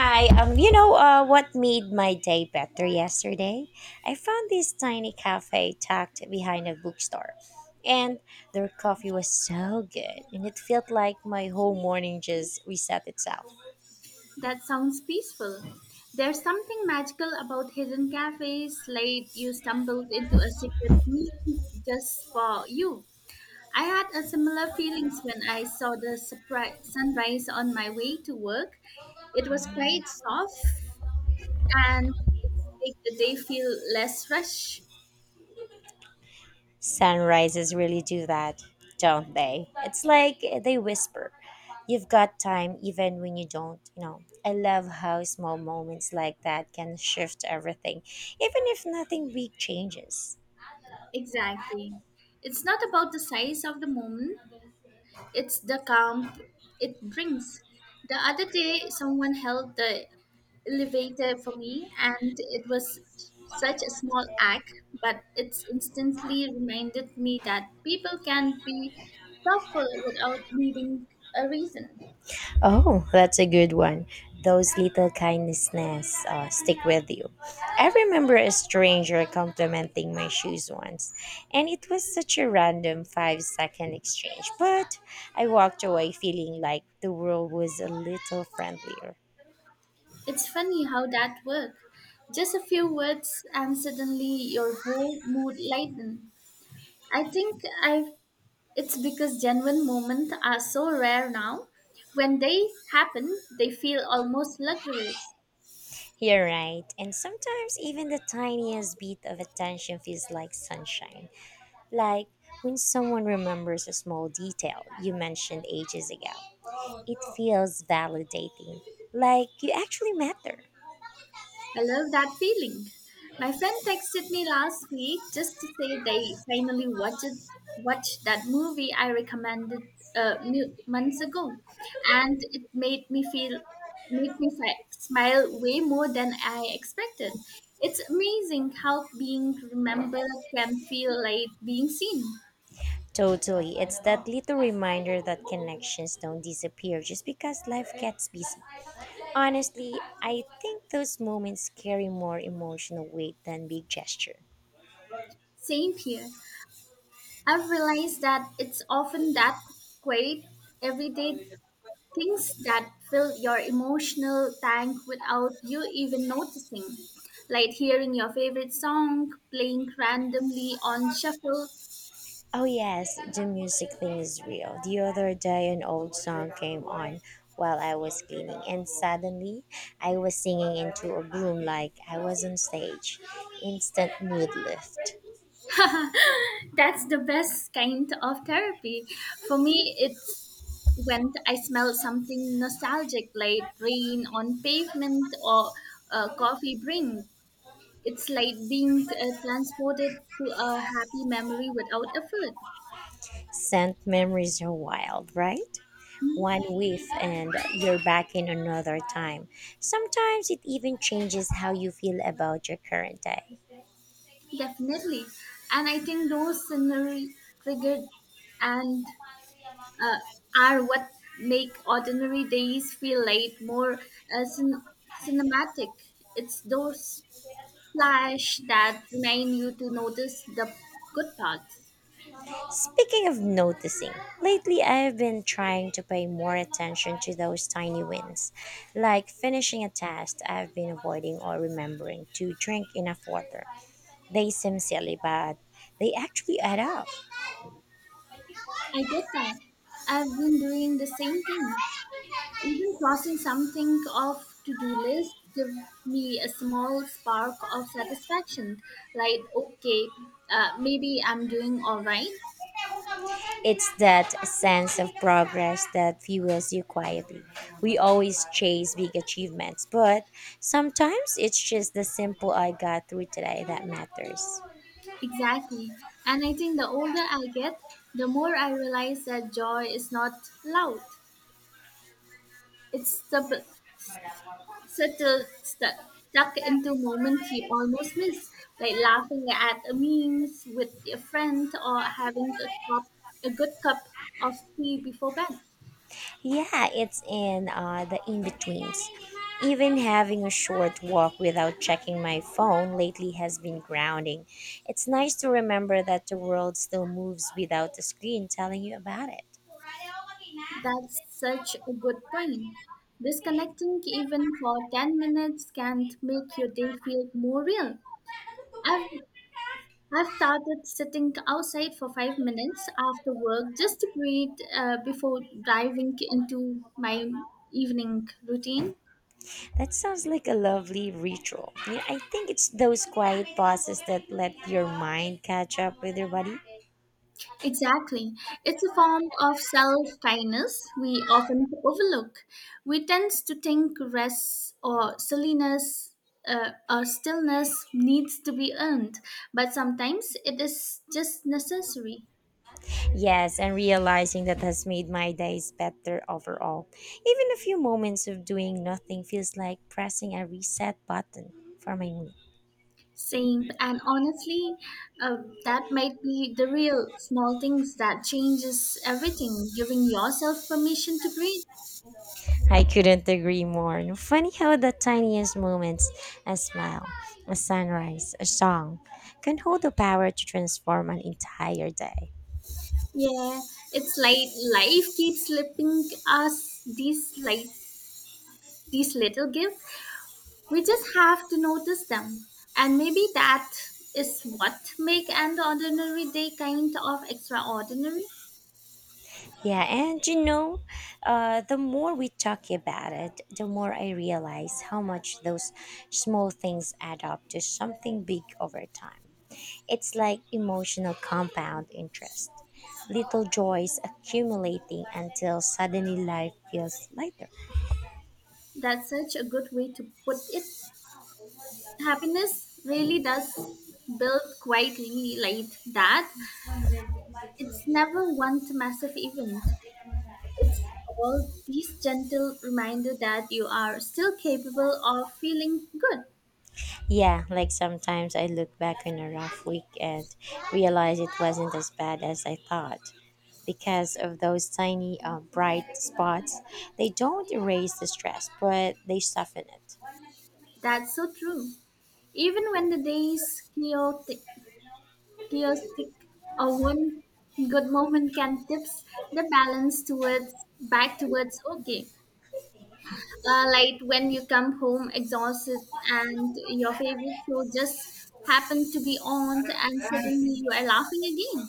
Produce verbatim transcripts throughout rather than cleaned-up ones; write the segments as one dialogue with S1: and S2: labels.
S1: Hi, um, you know uh, what made my day better yesterday? I found this tiny cafe tucked behind a bookstore, and their coffee was so good, and it felt like my whole morning just reset itself.
S2: That sounds peaceful. There's something magical about hidden cafes, late you stumbled into a secret meeting just for you. I had a similar feelings when I saw the surprise sunrise on my way to work. It was quite soft and it made the day feel less rush.
S1: Sunrises really do that, don't they? It's like they whisper, You've got time even when you don't, you know. I love how small moments like that can shift everything, even if nothing big changes.
S2: Exactly. It's not about the size of the moment, it's the calm it brings. The other day, someone held the elevator for me, and it was such a small act, but it's instantly reminded me that people can be thoughtful without needing a reason.
S1: Oh, that's a good one. Those little kindnesses uh, stick with you. I remember a stranger complimenting my shoes once, and it was such a random five second exchange, but I walked away feeling like the world was a little friendlier.
S2: It's funny how that works. Just a few words, and suddenly your whole mood lightens. I think I've It's because genuine moments are so rare now. When they happen, they feel almost luxurious.
S1: You're right, and sometimes even the tiniest bit of attention feels like sunshine. Like when someone remembers a small detail you mentioned ages ago, it feels validating, like you actually matter.
S2: I love that feeling. My friend texted me last week just to say they finally watched watched that movie I recommended uh, mu- months ago, and it made me feel made me fi- smile way more than I expected. It's amazing how being remembered can feel like being seen.
S1: Totally, it's that little reminder that connections don't disappear just because life gets busy. Honestly, I think those moments carry more emotional weight than big gesture.
S2: Same here. I've realized that it's often that quiet, everyday things that fill your emotional tank without you even noticing, like hearing your favorite song playing randomly on shuffle.
S1: Oh yes, the music thing is real. The other day an old song came on while I was cleaning and suddenly I was singing into a room like I was on stage. Instant mood lift.
S2: That's the best kind of therapy. For me, it's when I smell something nostalgic, like rain on pavement or a coffee drink. It's like being uh, transported to a happy memory without effort.
S1: Scent memories are wild, right? One whiff and you're back in another time. Sometimes it even changes how you feel about your current day.
S2: Definitely. And I think those scenery triggered and uh, are what make ordinary days feel like more uh, cin- cinematic. It's those flash that remind you to notice the good parts.
S1: Speaking of noticing, lately I've been trying to pay more attention to those tiny wins, like finishing a task I've been avoiding or remembering to drink enough water. They seem silly, but they actually add up.
S2: I get that. I've been doing the same thing. Even crossing something off to-do list give me a small spark of satisfaction. Like, okay, uh, maybe I'm doing all right.
S1: It's that sense of progress that fuels you quietly. We always chase big achievements, but sometimes it's just the simple I got through today that matters.
S2: Exactly. And I think the older I get, the more I realize that joy is not loud. It's subtle, subtle stuck, stuck into moments you almost miss, like laughing at a memes with your friend or having a, cup, a good cup of tea before bed.
S1: Yeah, it's in uh, the in betweens. Even having a short walk without checking my phone lately has been grounding. It's nice to remember that the world still moves without the screen telling you about it.
S2: That's such a good point. Disconnecting even for ten minutes can make your day feel more real. I've, I've started sitting outside for five minutes after work just to breathe uh, before diving into my evening routine.
S1: That sounds like a lovely ritual. Yeah, I think it's those quiet pauses that let your mind catch up with your body.
S2: Exactly. It's a form of self kindness we often overlook. We tend to think rest or silliness uh, or stillness needs to be earned, but sometimes it is just necessary.
S1: Yes, and realizing that has made my days better overall. Even a few moments of doing nothing feels like pressing a reset button for my mood.
S2: Same, and honestly, uh, that might be the real small things that changes everything. Giving yourself permission to breathe.
S1: I couldn't agree more. And funny how the tiniest moments, a smile, a sunrise, a song, can hold the power to transform an entire day.
S2: Yeah, it's like life keeps slipping us these like these little gifts. We just have to notice them. And maybe that is what make an ordinary day kind of extraordinary.
S1: Yeah, and you know, uh, the more we talk about it, the more I realize how much those small things add up to something big over time. It's like emotional compound interest. Little joys accumulating until suddenly life feels lighter.
S2: That's such a good way to put it. Happiness really does build quietly like that. It's never one massive event. It's all these gentle reminder that you are still capable of feeling good.
S1: Yeah, like sometimes I look back on a rough week and realize it wasn't as bad as I thought. Because of those tiny uh, bright spots, they don't erase the stress, but they soften it.
S2: That's so true. Even when the day is chaotic, chaotic or one good moment can tips the balance towards back towards okay, uh, like when you come home exhausted and your favorite show just happened to be on and suddenly you are laughing again.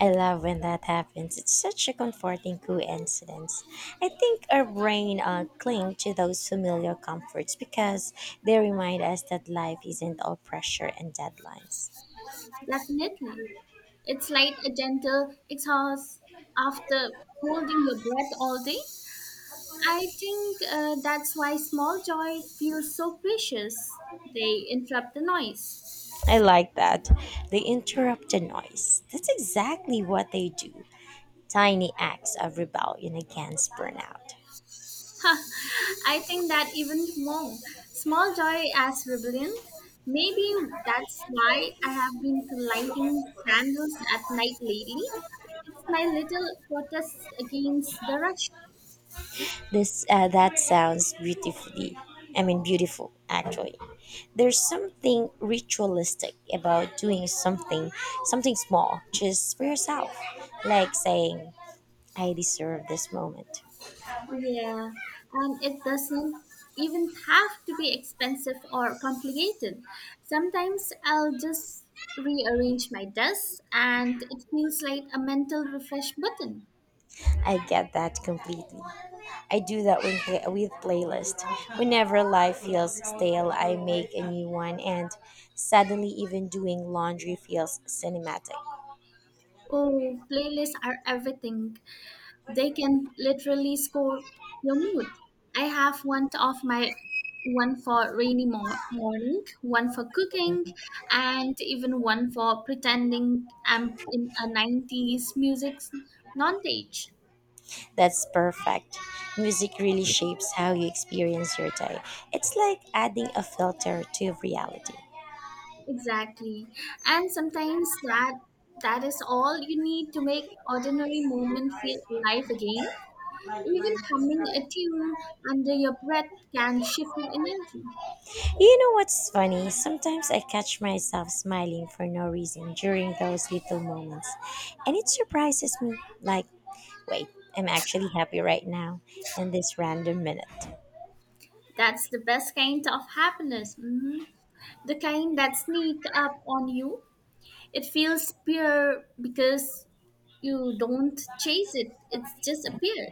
S1: I love when that happens. It's such a comforting coincidence. I think our brain uh, cling to those familiar comforts because they remind us that life isn't all pressure and deadlines.
S2: Definitely, it's like a gentle exhaust after holding your breath all day. I think uh, that's why small joy feels so precious. They interrupt the noise.
S1: I like that. They interrupt the noise. That's exactly what they do. Tiny acts of rebellion against burnout.
S2: I think that even more. Small joy as rebellion. Maybe that's why I have been lighting candles at night lately. It's my little protest against the rush.
S1: This uh, That sounds beautifully. I mean, beautiful actually. There's something ritualistic about doing something, something small, just for yourself. Like saying, I deserve this moment.
S2: Yeah, and it doesn't even have to be expensive or complicated. Sometimes I'll just rearrange my desk and it feels like a mental refresh button.
S1: I get that completely. I do that with, play- with playlist. Whenever life feels stale, I make a new one, and suddenly, even doing laundry feels cinematic.
S2: Oh, playlists are everything. They can literally score your mood. I have one of my one for rainy mo- morning, one for cooking, and even one for pretending I'm in a nineties music non-page.
S1: That's perfect. Music really shapes how you experience your day. It's like adding a filter to reality.
S2: Exactly. And sometimes that that is all you need to make ordinary moment feel alive again. Even humming a tune under your breath can shift your energy.
S1: You know what's funny? Sometimes I catch myself smiling for no reason during those little moments. And it surprises me like, wait, I'm actually happy right now in this random minute.
S2: That's the best kind of happiness. Mhm. The kind that sneak up on you. It feels pure because you don't chase it. It's just appear.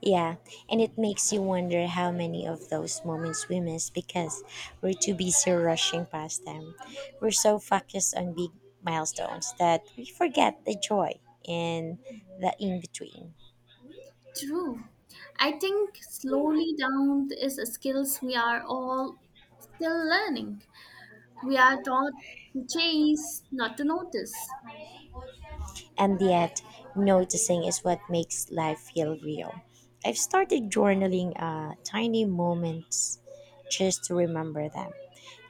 S1: Yeah, and it makes you wonder how many of those moments we miss because we're too busy rushing past them. We're so focused on big milestones that we forget the joy in the in between.
S2: True. I think slowly down is a skills we are all still learning. We are taught to chase, not to notice.
S1: And yet, noticing is what makes life feel real. I've started journaling uh, tiny moments just to remember them.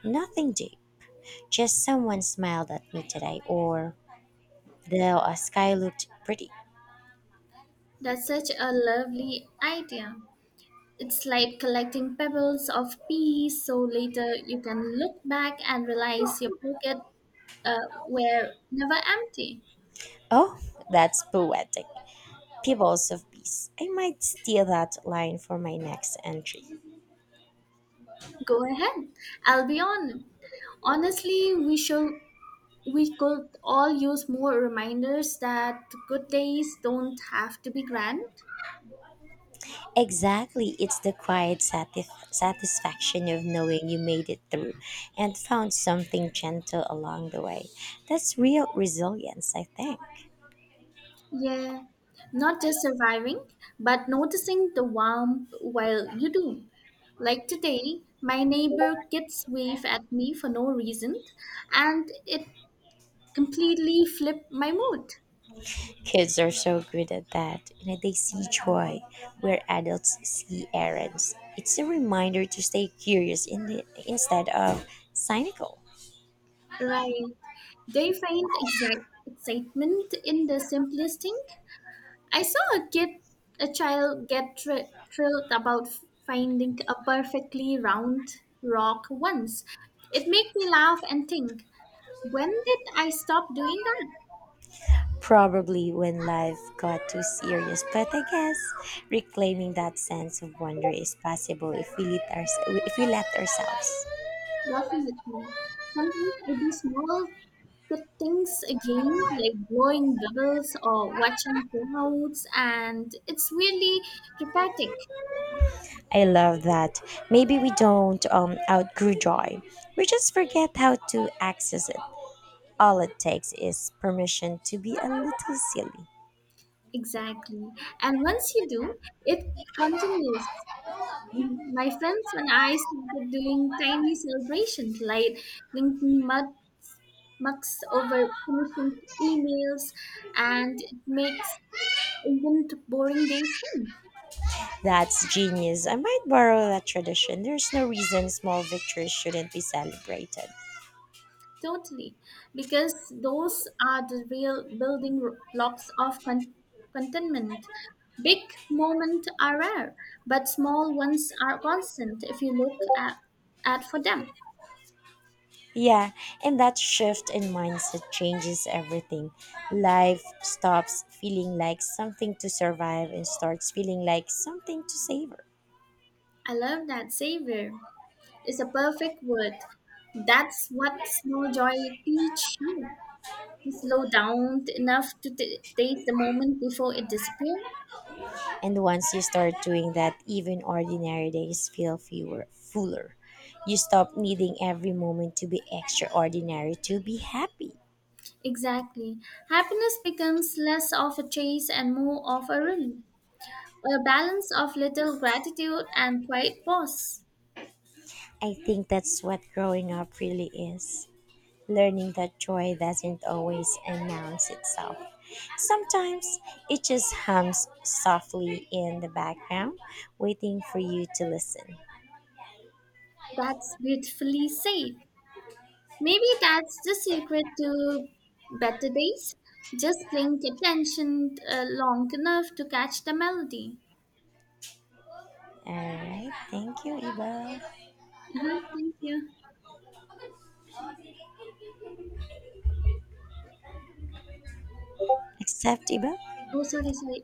S1: Nothing deep, just someone smiled at me today or the uh, sky looked pretty.
S2: That's such a lovely idea. It's like collecting pebbles of peace so later you can look back and realize your pocket uh, were never empty.
S1: Oh, that's poetic. Pivots of peace. I might steal that line for my next entry.
S2: Go ahead. I'll be on. It. Honestly, we should we could all use more reminders that good days don't have to be grand.
S1: Exactly, it's the quiet satisf- satisfaction of knowing you made it through and found something gentle along the way. That's real resilience, I think.
S2: Yeah. Not just surviving, but noticing the warmth while you do. Like today, my neighbor kids wave at me for no reason, and it completely flipped my mood.
S1: Kids are so good at that. You know, they see joy where adults see errands. It's a reminder to stay curious in the, instead of cynical.
S2: Right. They find exact excitement in the simplest thing. I saw a kid, A child get thr- thrilled about finding a perfectly round rock once. It made me laugh and think, when did I stop doing that?
S1: Probably when life got too serious, but I guess reclaiming that sense of wonder is possible if we let, our, if we let ourselves.
S2: Definitely. Sometimes I do small good things again, like blowing bubbles or watching clouds, and it's really therapeutic.
S1: I love that. Maybe we don't um, outgrow joy, we just forget how to access it. All it takes is permission to be a little silly.
S2: Exactly. And once you do, it continues. My friends and I started doing tiny celebrations like clinking mug, mugs over finishing emails, and it makes even t- boring days fun.
S1: That's genius. I might borrow that tradition. There's no reason small victories shouldn't be celebrated.
S2: Totally, because those are the real building r- blocks of con- contentment. Big moments are rare, but small ones are constant if you look at, at for them.
S1: Yeah, and that shift in mindset changes everything. Life stops feeling like something to survive and starts feeling like something to savor.
S2: I love that savior. Is a perfect word. That's what Snow Joy teach you to slow down t- enough to t- taste the moment before it disappears.
S1: And once you start doing that, even ordinary days feel fewer, fuller. You stop needing every moment to be extraordinary to be happy.
S2: Exactly. Happiness becomes less of a chase and more of a rhythm, a balance of little gratitude and quiet pause.
S1: I think that's what growing up really is. Learning that joy doesn't always announce itself. Sometimes it just hums softly in the background, waiting for you to listen.
S2: That's beautifully said. Maybe that's the secret to better days. Just paying attention uh, long enough to catch the melody.
S1: All right, thank you, Iba.
S2: Uh-huh, thank you.
S1: Except Iba.
S2: Oh, sorry, sorry.